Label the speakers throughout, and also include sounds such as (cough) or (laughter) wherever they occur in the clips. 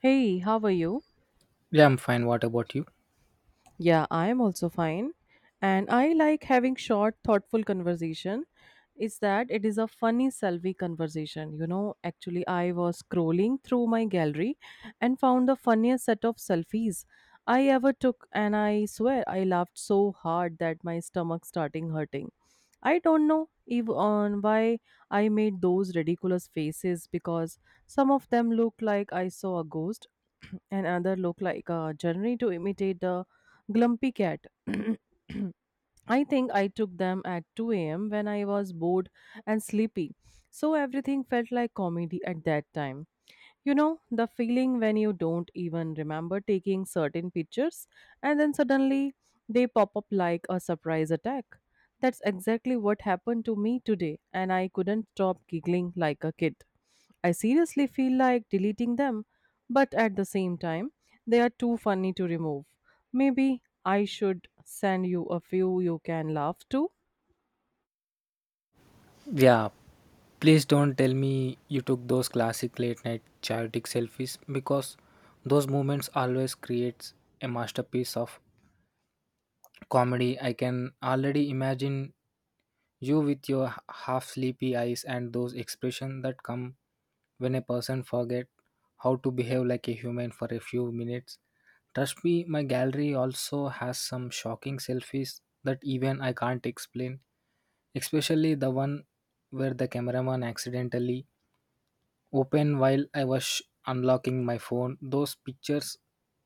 Speaker 1: Hey, how are you?
Speaker 2: Yeah, I'm fine. What about you?
Speaker 1: Yeah, I am also fine. And I like having short, thoughtful conversation. Is that it is a funny selfie conversation. You know, actually I was scrolling through my gallery and found the funniest set of selfies I ever took and I swear I laughed so hard that my stomach starting hurting. I don't know if on why I made those ridiculous faces because some of them look like I saw a ghost (clears throat) and other look like a journey to imitate the Glumpy Cat. (clears throat) I think I took them at 2 a.m. when I was bored and sleepy, so everything felt like comedy at that time. You know, the feeling when you don't even remember taking certain pictures and then suddenly they pop up like a surprise attack. That's exactly what happened to me today, and I couldn't stop giggling like a kid. I seriously feel like deleting them, but at the same time, they are too funny to remove. Maybe I should send you a few you can laugh to.
Speaker 2: Yeah, please don't tell me you took those classic late night chaotic selfies, because those moments always creates a masterpiece of comedy. I can already imagine you with your half sleepy eyes and those expressions that come when a person forget how to behave like a human for a few minutes. Trust me, my gallery also has some shocking selfies that even I can't explain, especially the one where the cameraman accidentally open while I was unlocking my phone. Those pictures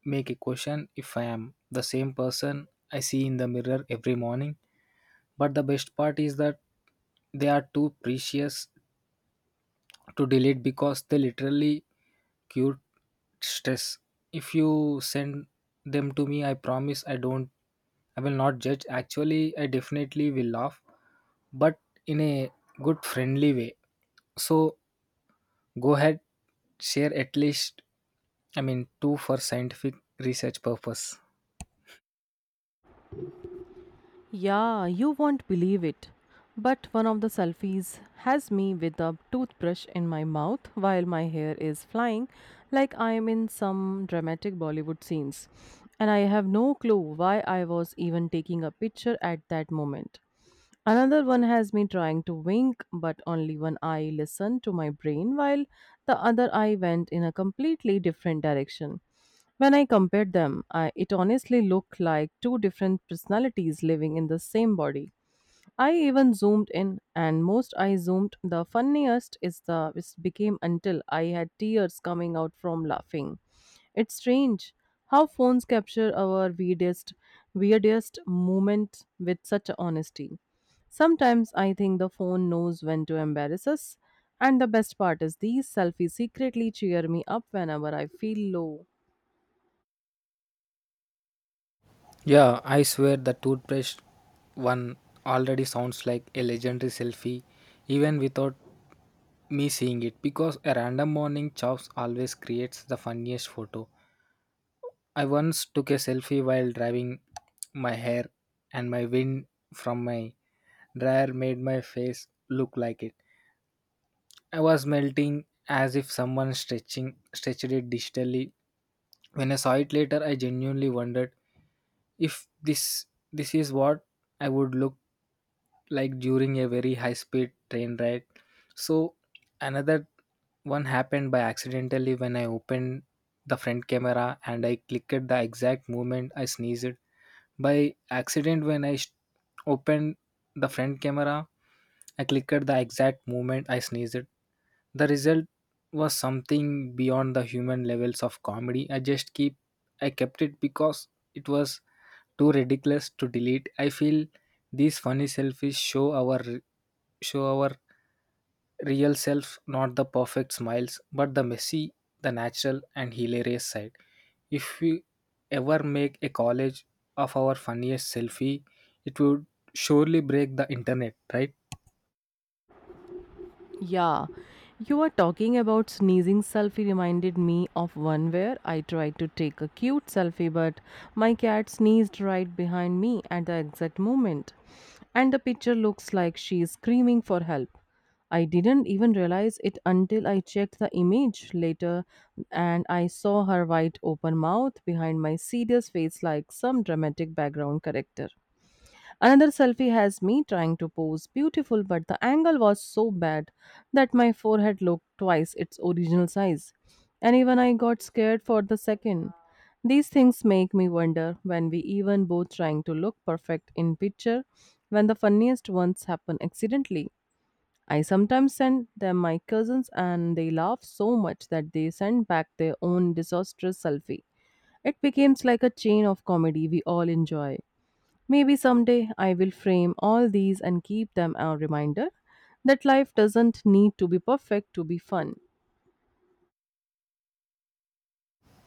Speaker 2: make a question if I am the same person I see in the mirror every morning. But the best part is that they are too precious to delete, because they literally cure stress. If you send them to me, I promise I will not judge. Actually, I definitely will laugh, but in a good friendly way. So, go ahead, share at least, I mean, two for scientific research purpose.
Speaker 1: Yeah, you won't believe it. But one of the selfies has me with a toothbrush in my mouth while my hair is flying, like I am in some dramatic Bollywood scenes. And I have no clue why I was even taking a picture at that moment. Another one has me trying to wink, but only one eye listened to my brain while the other eye went in a completely different direction. When I compared them, I, it honestly looked like two different personalities living in the same body. I even zoomed in, and most I zoomed. The funniest is the it became until I had tears coming out from laughing. It's strange how phones capture our weirdest, weirdest moments with such honesty. Sometimes I think the phone knows when to embarrass us, and the best part is these selfies secretly cheer me up whenever I feel low.
Speaker 2: Yeah, I swear the toothbrush one already sounds like a legendary selfie, even without me seeing it, because a random morning chops always creates the funniest photo. I once took a selfie while driving, my hair, and my wind from my dryer made my face look like it I was melting, as if someone stretching stretched it digitally. When I saw it later, I genuinely wondered if this is what I would look like during a very high speed train ride. So another one happened by accidentally when I opened the front camera and I clicked the exact moment I sneezed. By accident, when I opened the front camera, I clicked the exact moment I sneezed. The result was something beyond the human levels of comedy. I just keep I kept it because it was too ridiculous to delete. I feel these funny selfies show our real self, not the perfect smiles, but the messy, the natural and hilarious side. If we ever make a college of our funniest selfie, it would surely break the internet, right?
Speaker 1: Yeah, you were talking about sneezing selfie reminded me of one where I tried to take a cute selfie, but my cat sneezed right behind me at the exact moment. And the picture looks like she is screaming for help. I didn't even realize it until I checked the image later and I saw her wide open mouth behind my serious face like some dramatic background character. Another selfie has me trying to pose beautiful, but the angle was so bad that my forehead looked twice its original size. And even I got scared for the second. These things make me wonder when we even both trying to look perfect in picture, when the funniest ones happen accidentally. I sometimes send them my cousins and they laugh so much that they send back their own disastrous selfie. It becomes like a chain of comedy we all enjoy. Maybe someday I will frame all these and keep them a reminder that life doesn't need to be perfect to be fun.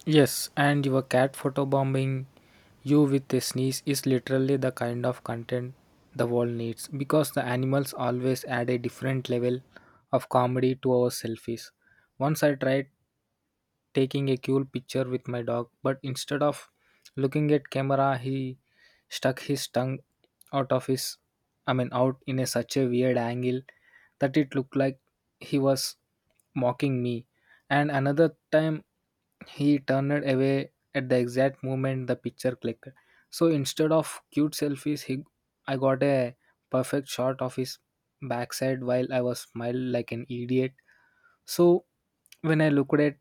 Speaker 2: Yes, and your cat photobombing you with a sneeze is literally the kind of content the world needs, because the animals always add a different level of comedy to our selfies. Once I tried taking a cool picture with my dog, but instead of looking at camera, he stuck his tongue out of his I mean out in a such a weird angle that it looked like he was mocking me. And another time he turned away at the exact moment the picture clicked. So instead of cute selfies, he I got a perfect shot of his backside while I was smiling like an idiot. So when I looked at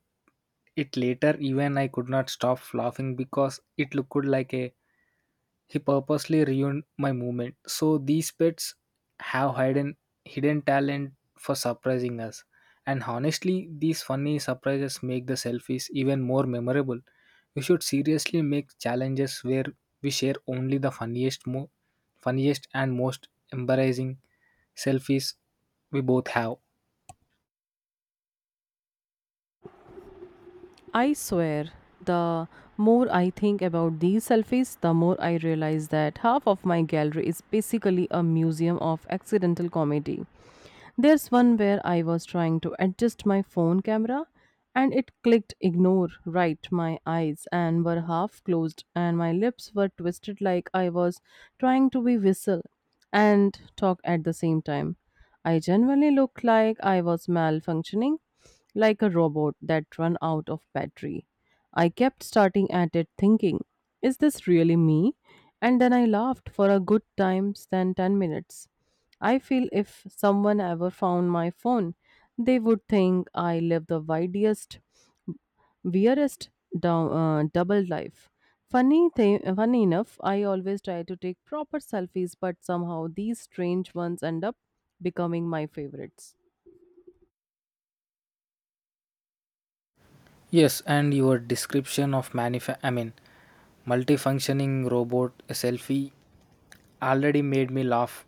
Speaker 2: it later, even I could not stop laughing, because it looked like a he purposely ruined my movement. So these pets have hidden talent for surprising us. And honestly, these funny surprises make the selfies even more memorable. We should seriously make challenges where we share only the funniest and most embarrassing selfies we both have.
Speaker 1: I swear, the more I think about these selfies, the more I realize that half of my gallery is basically a museum of accidental comedy. There's one where I was trying to adjust my phone camera and it clicked ignore right. My eyes and were half closed and my lips were twisted like I was trying to be whistle and talk at the same time. I genuinely looked like I was malfunctioning like a robot that run out of battery. I kept starting at it thinking, is this really me? And then I laughed for a good time than 10 minutes. I feel if someone ever found my phone, they would think I live the widest, weirdest double life. Funny, thing, funny enough, I always try to take proper selfies, but somehow these strange ones end up becoming my favorites.
Speaker 2: Yes, and your description of manif I mean multifunctioning robot a selfie already made me laugh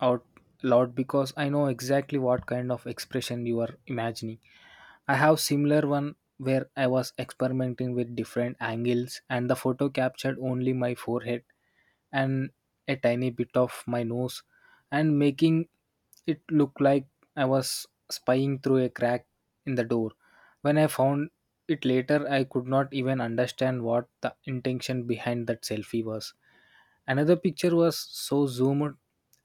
Speaker 2: out loud, because I know exactly what kind of expression you are imagining. I have similar one where I was experimenting with different angles, and the photo captured only my forehead and a tiny bit of my nose, and making it looked like I was spying through a crack in the door. When I found it later, I could not even understand what the intention behind that selfie was. Another picture was so zoomed,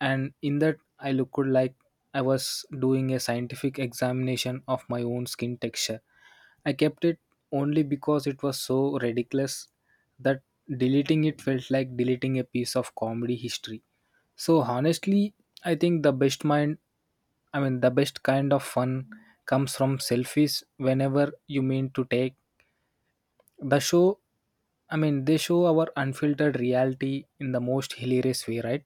Speaker 2: and in that I looked like I was doing a scientific examination of my own skin texture. I kept it only because it was so ridiculous that deleting it felt like deleting a piece of comedy history. So honestly, I think the best mind I mean the best kind of fun comes from selfies, whenever you mean to the show, I mean, they show our unfiltered reality in the most hilarious way, right?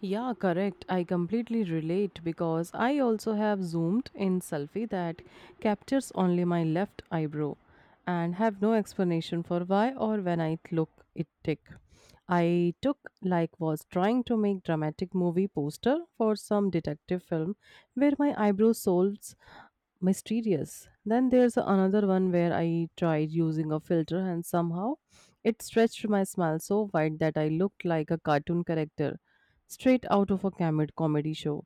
Speaker 1: Yeah, correct. I completely relate because I also have zoomed in selfie that captures only my left eyebrow and have no explanation for why or when I look it tick. I took like was trying to make dramatic movie poster for some detective film where my eyebrow soles mysterious. Then there's another one where I tried using a filter and somehow it stretched my smile so wide that I looked like a cartoon character straight out of a comedy show.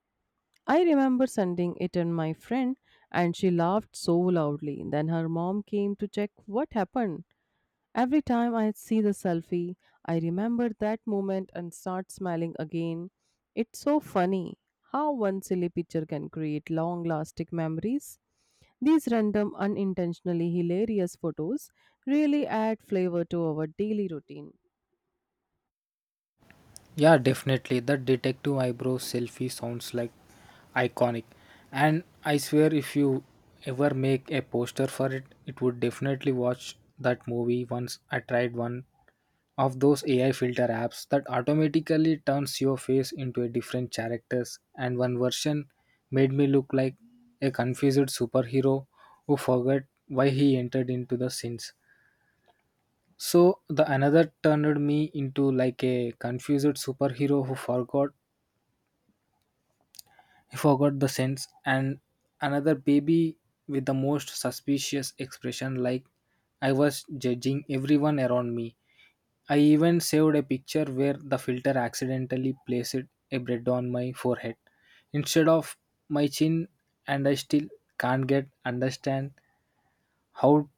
Speaker 1: I remember sending it in my friend and she laughed so loudly. Then her mom came to check what happened. Every time I see the selfie, I remember that moment and start smiling again. It's so funny how one silly picture can create long lasting memories. These random, unintentionally hilarious photos really add flavor to our daily routine.
Speaker 2: Yeah, definitely. The detective eyebrow selfie sounds like iconic. And I swear, if you ever make a poster for it, it would definitely watch that movie. Once I tried one of those AI filter apps that automatically turns your face into a different characters, and one version made me look like a confused superhero who forgot why he entered into the scenes. So the another turned me into like a confused superhero who forgot the sense, and another baby with the most suspicious expression, like I was judging everyone around me. I even saved a picture where the filter accidentally placed a bread on my forehead instead of my chin, and I still can't get understand how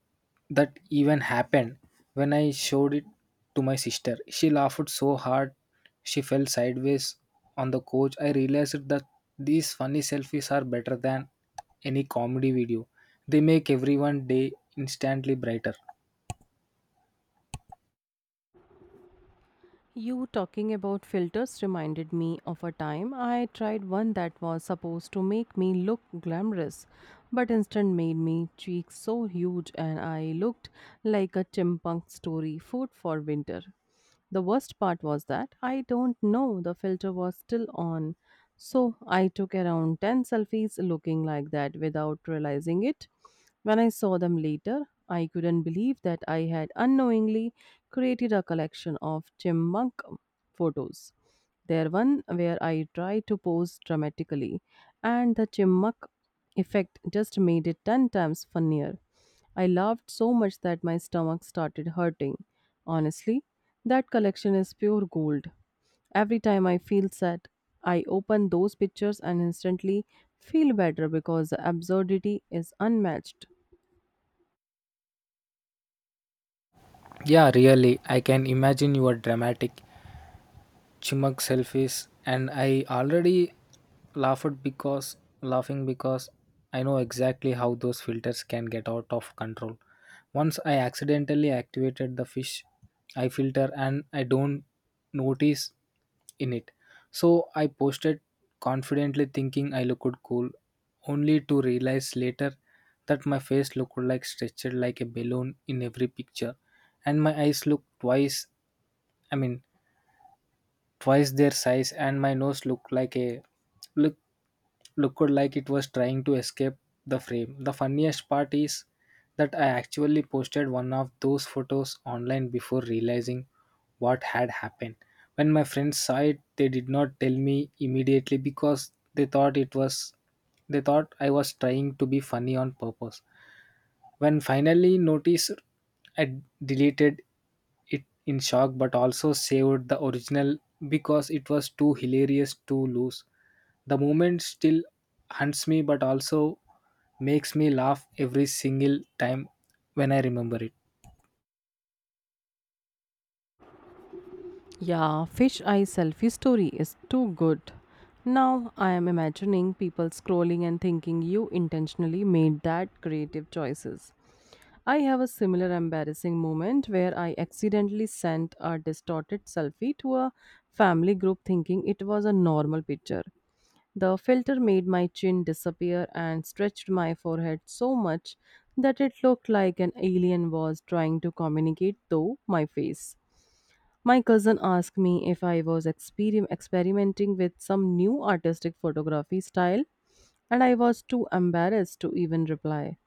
Speaker 2: that even happened. When I showed it to my sister, she laughed so hard she fell sideways on the couch. I realized that these funny selfies are better than any comedy video. They make everyone day instantly brighter.
Speaker 1: You talking about filters reminded me of a time I tried one that was supposed to make me look glamorous, but instead made me cheeks so huge and I looked like a chimpunk story food for winter. The worst part was that I don't know the filter was still on, so I took around 10 selfies looking like that without realizing it. When I saw them later, I couldn't believe that I had unknowingly created a collection of chipmunk photos. There one where I tried to pose dramatically, and the chipmunk effect just made it 10 times funnier. I laughed so much that my stomach started hurting. Honestly, that collection is pure gold. Every time I feel sad, I open those pictures and instantly feel better because the absurdity is unmatched.
Speaker 2: Yeah, really. I can imagine your dramatic chimuk selfies, and I already laughed because laughing because I know exactly how those filters can get out of control. Once I accidentally activated the fish I filter and I don't notice in it, so I posted confidently thinking I looked cool, only to realize later that my face looked like stretched like a balloon in every picture, and my eyes looked twice I mean twice their size, and my nose look looked like it was trying to escape the frame. The funniest part is that I actually posted one of those photos online before realizing what had happened. When my friends saw it, they did not tell me immediately, because they thought I was trying to be funny on purpose. When finally noticed, I deleted it in shock, but also saved the original because it was too hilarious to lose. The moment still hunts me, but also makes me laugh every single time when I remember it.
Speaker 1: Yeah, fish eye selfie story is too good. Now I am imagining people scrolling and thinking you intentionally made that creative choices. I have a similar embarrassing moment where I accidentally sent a distorted selfie to a family group thinking it was a normal picture. The filter made my chin disappear and stretched my forehead so much that it looked like an alien was trying to communicate through my face. My cousin asked me if I was experimenting with some new artistic photography style, and I was too embarrassed to even reply.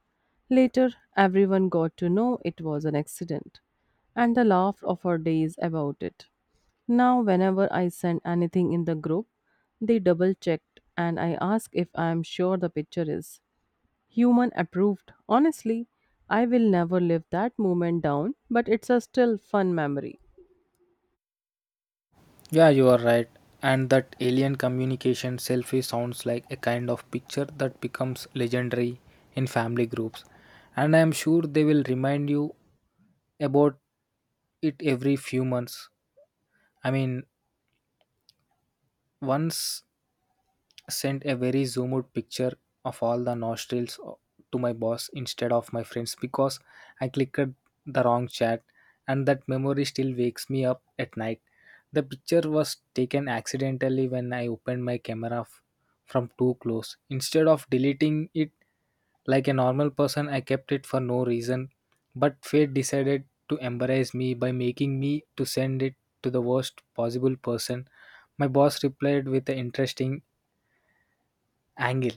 Speaker 1: Later, everyone got to know it was an accident, and I laughed off for days about it. Now, whenever I send anything in the group, they double checked and I ask if I am sure the picture is human approved. Honestly, I will never live that moment down, but it's a still fun memory.
Speaker 2: Yeah, you are right. And that alien communication selfie sounds like a kind of picture that becomes legendary in family groups. And I am sure they will remind you about it every few months. I mean, once sent a very zoomed out picture of all the nostrils to my boss instead of my friends, because I clicked the wrong chat, and that memory still wakes me up at night. The picture was taken accidentally when I opened my camera from too close. Instead of deleting it, like a normal person, I kept it for no reason, but fate decided to embarrass me by making me to send it to the worst possible person. My boss replied with an interesting angle,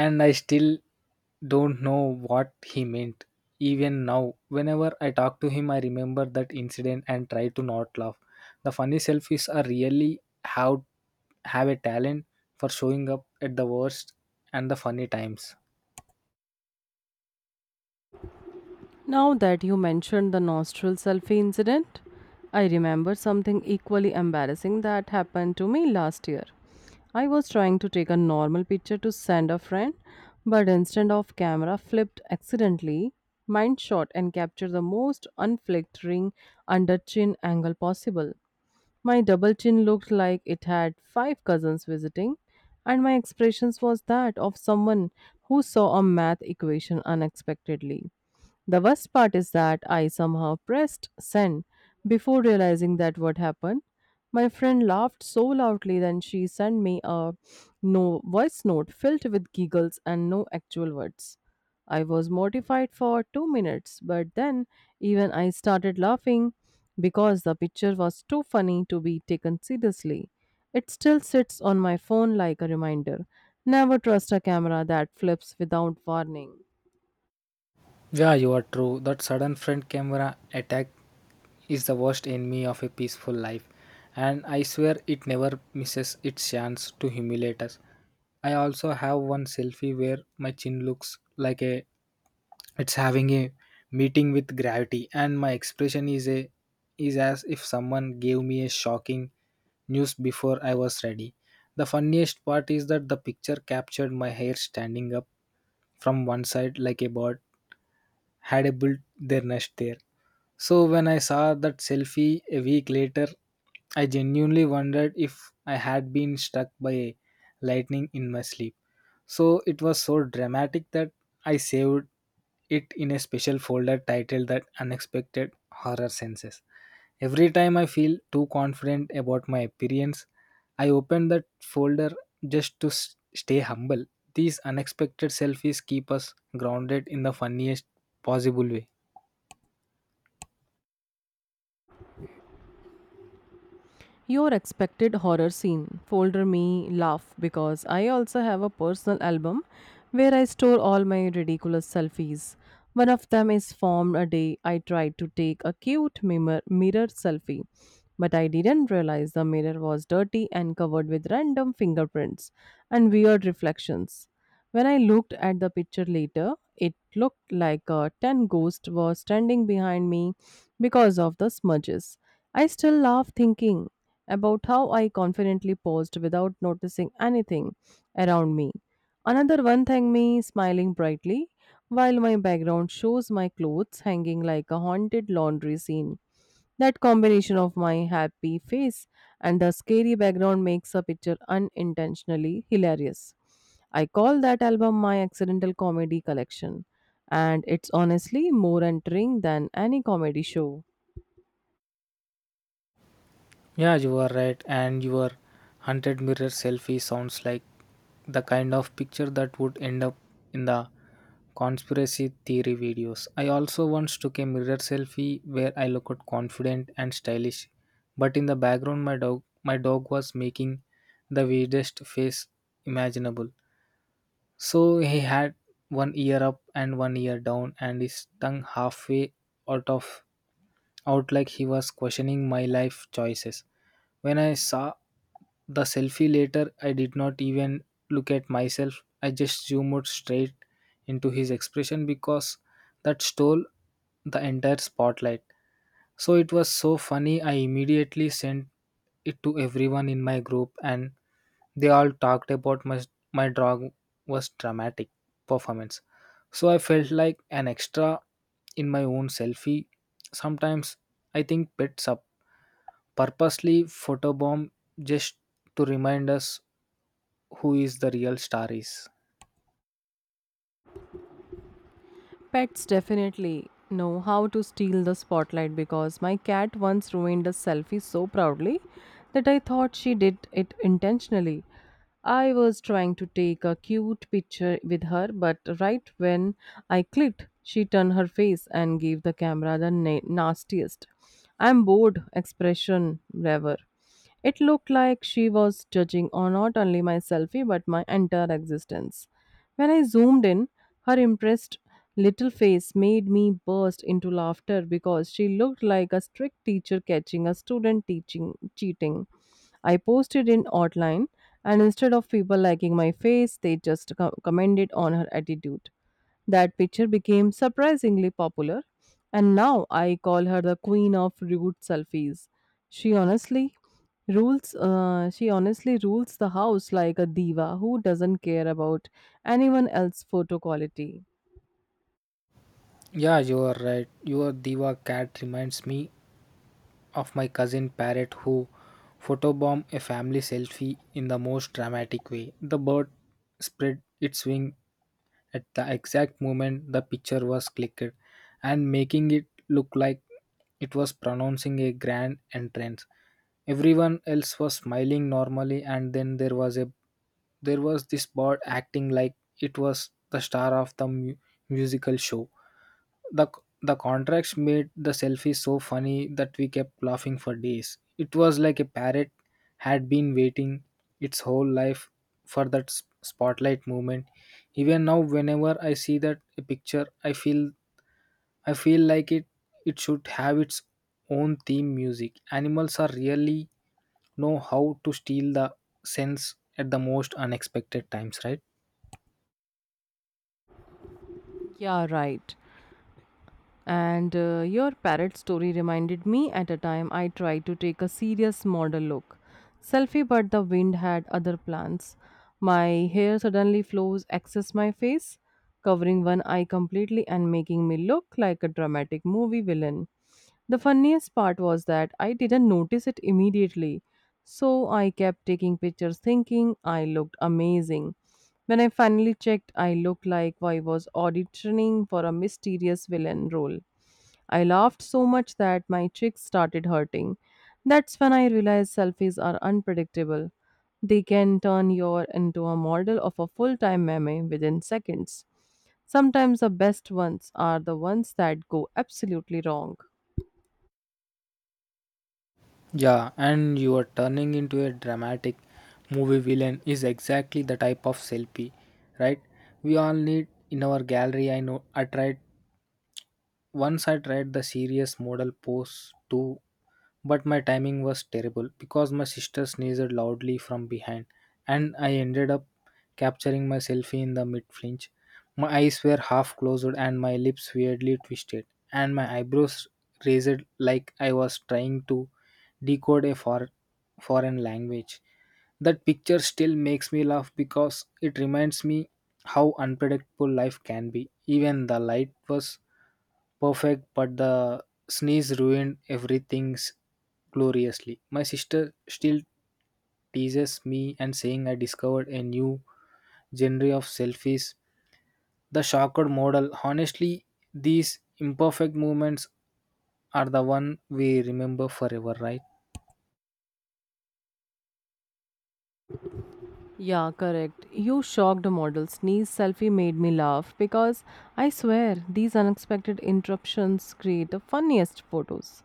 Speaker 2: and I still don't know what he meant. Even now, whenever I talk to him, I remember that incident and try to not laugh. The funny selfies are really how have a talent for showing up at the worst and the funny times.
Speaker 1: Now that you mentioned the nostril selfie incident, I remember something equally embarrassing that happened to me last year. I was trying to take a normal picture to send a friend, but instead of camera flipped accidentally, mind shot and captured the most unflattering under chin angle possible. My double chin looked like it had five cousins visiting, and my expressions was that of someone who saw a math equation unexpectedly. The worst part is that I somehow pressed send before realizing that what happened. My friend laughed so loudly that she sent me a no voice note filled with giggles and no actual words. I was mortified for 2 minutes, but then even I started laughing because the picture was too funny to be taken seriously. It still sits on my phone like a reminder. Never trust a camera that flips without warning.
Speaker 2: Yeah, you are true. That sudden front camera attack is the worst enemy of a peaceful life, and I swear it never misses its chance to humiliate us. I also have one selfie where my chin looks like a it's having a meeting with gravity, and my expression is as if someone gave me a shocking news before I was ready. The funniest part is that the picture captured my hair standing up from one side, like a bird had a built their nest there. So when I saw that selfie a week later, I genuinely wondered if I had been struck by lightning in my sleep. So it was so dramatic that I saved it in a special folder titled The Unexpected Horror Senses. Every time I feel too confident about my appearance, I open that folder just to stay humble. These unexpected selfies keep us grounded in the funniest possible way.
Speaker 1: Your expected horror scene. Folder me laugh because I also have a personal album where I store all my ridiculous selfies. One of them is formed a day I tried to take a cute mirror, mirror selfie, but I didn't realize the mirror was dirty and covered with random fingerprints and weird reflections. When I looked at the picture later, it looked like a 10 ghost was standing behind me because of the smudges. I still laugh thinking about how I confidently paused without noticing anything around me. Another one thanked me, smiling brightly, while my background shows my clothes hanging like a haunted laundry scene. That combination of my happy face and the scary background makes a picture unintentionally hilarious. I call that album my accidental comedy collection, and it's honestly more entering than any comedy show.
Speaker 2: Yeah, you are right. And your 100 mirror selfie sounds like the kind of picture that would end up in the conspiracy theory videos. I also once took a mirror selfie where I looked confident and stylish, but in the background, my dog was making the weirdest face imaginable. So he had one ear up and one ear down, and his tongue halfway out of out, like he was questioning my life choices. When I saw the selfie later, I did not even look at myself. I just zoomed straight into his expression, because that stole the entire spotlight. So it was so funny. I immediately sent it to everyone in my group, and they all talked about my drag was dramatic performance. So I felt like an extra in my own selfie. Sometimes I think pets up purposely photobomb just to remind us who is the real star is.
Speaker 1: Pets definitely know how to steal the spotlight because my cat once ruined a selfie so proudly that I thought she did it intentionally. I was trying to take a cute picture with her, but right when I clicked, she turned her face and gave the camera the nastiest I'm bored expression ever. It looked like she was judging on not only my selfie but my entire existence. When I zoomed in, her impressed little face made me burst into laughter because she looked like a strict teacher catching a student teaching cheating. I posted in outline and instead of people liking my face, they just commented on her attitude. That picture became surprisingly popular, and now I call her the queen of rude selfies. She honestly she honestly rules the house like a diva who doesn't care about anyone else's photo quality.
Speaker 2: Yeah, you are right. Your diva cat reminds me of my cousin parrot who photobombed a family selfie in the most dramatic way. The bird spread its wing at the exact moment the picture was clicked and making it look like it was pronouncing a grand entrance. Everyone else was smiling normally and then there was this bird acting like it was the star of the musical show. The the contracts made the selfie so funny that we kept laughing for days. It was like a parrot had been waiting its whole life for that spotlight movement. Even now whenever I see that a picture I feel like it should have its own theme music. Animals are really know how to steal the sense at the most unexpected times, right?
Speaker 1: Yeah, right. And Your parrot story reminded me at a time I tried to take a serious model look. Selfie, but the wind had other plans. My hair suddenly flows access my face, covering one eye completely and making me look like a dramatic movie villain. The funniest part was that I didn't notice it immediately, so I kept taking pictures thinking I looked amazing. When I finally checked, I looked like I was auditioning for a mysterious villain role. I laughed so much that my cheeks started hurting. That's when I realized selfies are unpredictable. They can turn you into a model of a full time meme within seconds. Sometimes the best ones are the ones that go absolutely wrong.
Speaker 2: Yeah, and you are turning into a dramatic movie villain is exactly the type of selfie, right, we all need in our gallery. I know I tried, once I tried the serious model pose too. But my timing was terrible because my sister sneezed loudly from behind, and I ended up capturing my selfie in the mid flinch. My eyes were half closed and my lips weirdly twisted, and my eyebrows raised like I was trying to decode a foreign language. That picture still makes me laugh because it reminds me how unpredictable life can be. Even the light was perfect, but the sneeze ruined everything's gloriously. My sister still teases me and saying I discovered a new genre of selfies, the shocked model. Honestly, these imperfect movements are the one we remember forever, right?
Speaker 1: Yeah, correct. You shocked a model. Sneeze selfie made me laugh because I swear these unexpected interruptions create the funniest photos.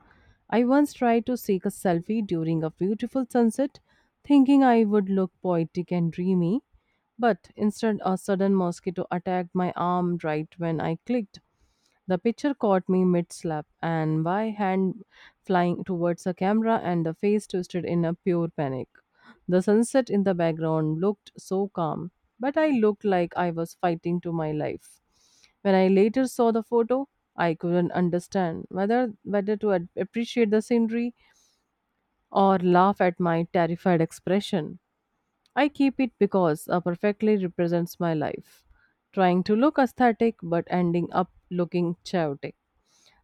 Speaker 1: I once tried to seek a selfie during a beautiful sunset, thinking I would look poetic and dreamy, but instead a sudden mosquito attacked my arm right when I clicked. The picture caught me mid slap, and my hand flying towards the camera and the face twisted in a pure panic. The sunset in the background looked so calm, but I looked like I was fighting to my life. When I later saw the photo, I couldn't understand whether to appreciate the scenery or laugh at my terrified expression. I keep it because it perfectly represents my life, trying to look aesthetic but ending up looking chaotic.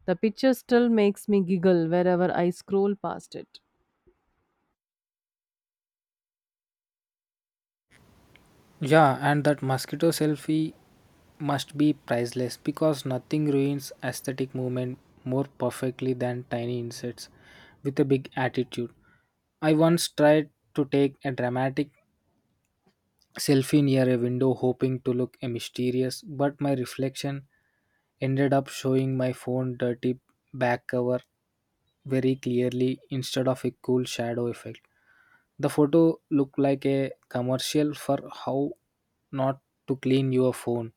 Speaker 1: The picture still makes me giggle wherever I scroll past it.
Speaker 2: Yeah, and that mosquito selfie must be priceless because nothing ruins aesthetic movement more perfectly than tiny insects with a big attitude. I once tried to take a dramatic selfie near a window, hoping to look mysterious, but my reflection ended up showing my phone dirty back cover very clearly instead of a cool shadow effect. The photo looked like a commercial for how not to clean your phone.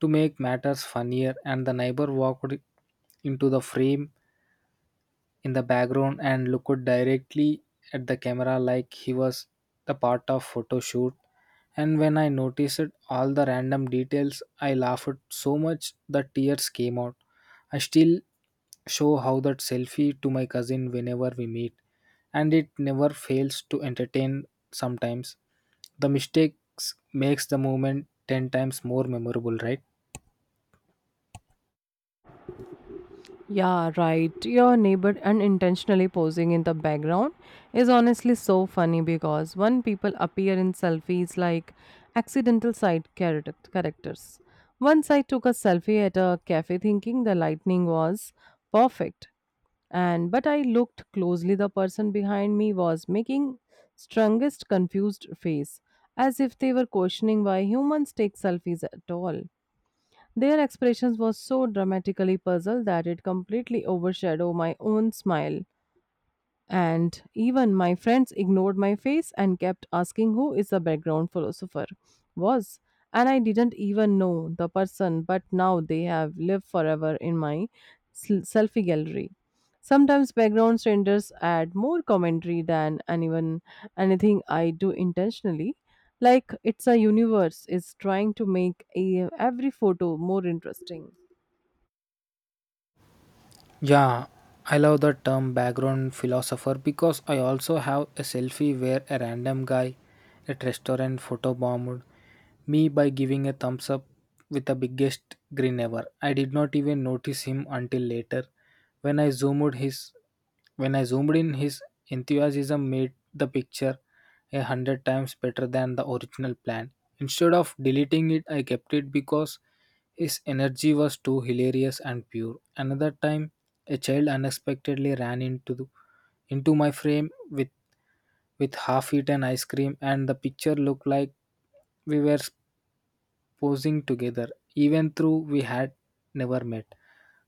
Speaker 2: To make matters funnier, and the neighbor walked into the frame in the background and looked directly at the camera like he was the part of photo shoot. And when I noticed all the random details, I laughed so much that tears came out. I still show how that selfie to my cousin whenever we meet, and it never fails to entertain. Sometimes the mistakes makes the moment 10 times more memorable, right?
Speaker 1: Yeah, right. Your neighbor unintentionally posing in the background is honestly so funny because when people appear in selfies like accidental side characters. Once I took a selfie at a cafe thinking the lightning was perfect and but I looked closely the person behind me was making strongest confused face as if they were questioning why humans take selfies at all. Their expressions were so dramatically puzzled that it completely overshadowed my own smile. And even my friends ignored my face and kept asking who is the background philosopher was. And I didn't even know the person, but now they have lived forever in my selfie gallery. Sometimes background strangers add more commentary than anyone anything I do intentionally. Like it's a universe is trying to make a, every photo more interesting.
Speaker 2: Yeah, I love the term background philosopher because I also have a selfie where a random guy at restaurant photobombed me by giving a thumbs up with the biggest grin ever. I did not even notice him until later. When I zoomed his when I zoomed in his enthusiasm made the picture 100 times better than the original plan. Instead of deleting it, I kept it because his energy was too hilarious and pure. Another time, a child unexpectedly ran into my frame with half-eaten ice cream, and the picture looked like we were posing together, even though we had never met.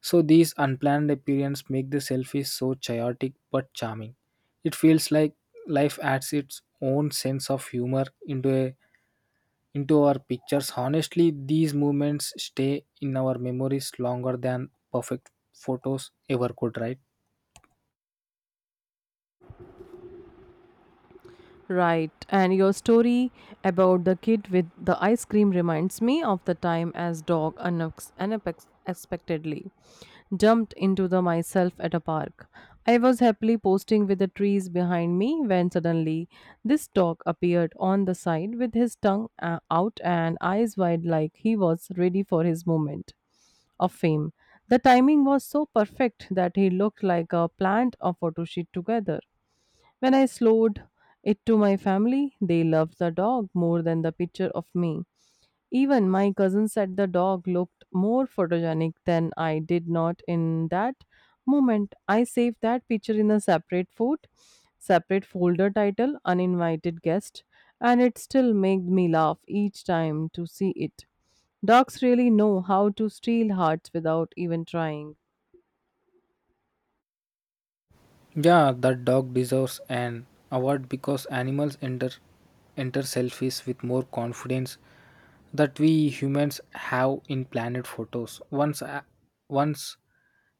Speaker 2: So these unplanned appearances make the selfie so chaotic but charming. It feels like life adds its own sense of humor into our pictures. Honestly, these moments stay in our memories longer than perfect photos ever could, right?
Speaker 1: Right, and your story about the kid with the ice cream reminds me of the time as dog unexpectedly jumped into the myself at a park. I was happily posting with the trees behind me when suddenly this dog appeared on the side with his tongue out and eyes wide like he was ready for his moment of fame. The timing was so perfect that he looked like a plant or photo shoot together. When I showed it to my family, they loved the dog more than the picture of me. Even my cousin said the dog looked more photogenic than I did not in that moment. I saved that picture in a separate folder title uninvited guest, and it still made me laugh each time to see it. Dogs really know how to steal hearts without even trying.
Speaker 2: Yeah, that dog deserves an award because animals enter selfies with more confidence that we humans have in planet photos. Once I once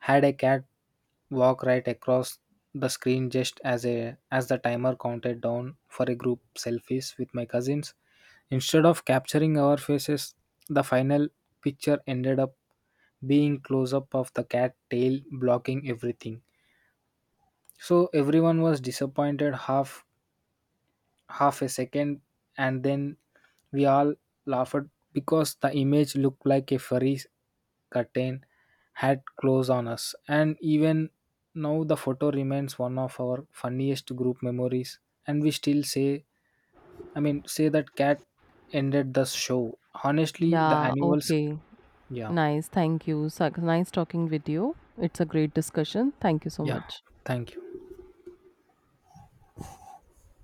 Speaker 2: had a cat walk right across the screen just as a as the timer counted down for a group selfies with my cousins. Instead of capturing our faces, the final picture ended up being close up of the cat tail blocking everything. So everyone was disappointed half a second, and then we all laughed because the image looked like a furry curtain had closed on us. And even now the photo remains one of our funniest group memories, and we still say, say that cat ended the show. Honestly, the
Speaker 1: Yeah,
Speaker 2: animals.
Speaker 1: okay.
Speaker 2: Yeah.
Speaker 1: Nice. Thank you. Nice talking with you. It's a great discussion. Thank you so
Speaker 2: Yeah,
Speaker 1: much.
Speaker 2: thank you.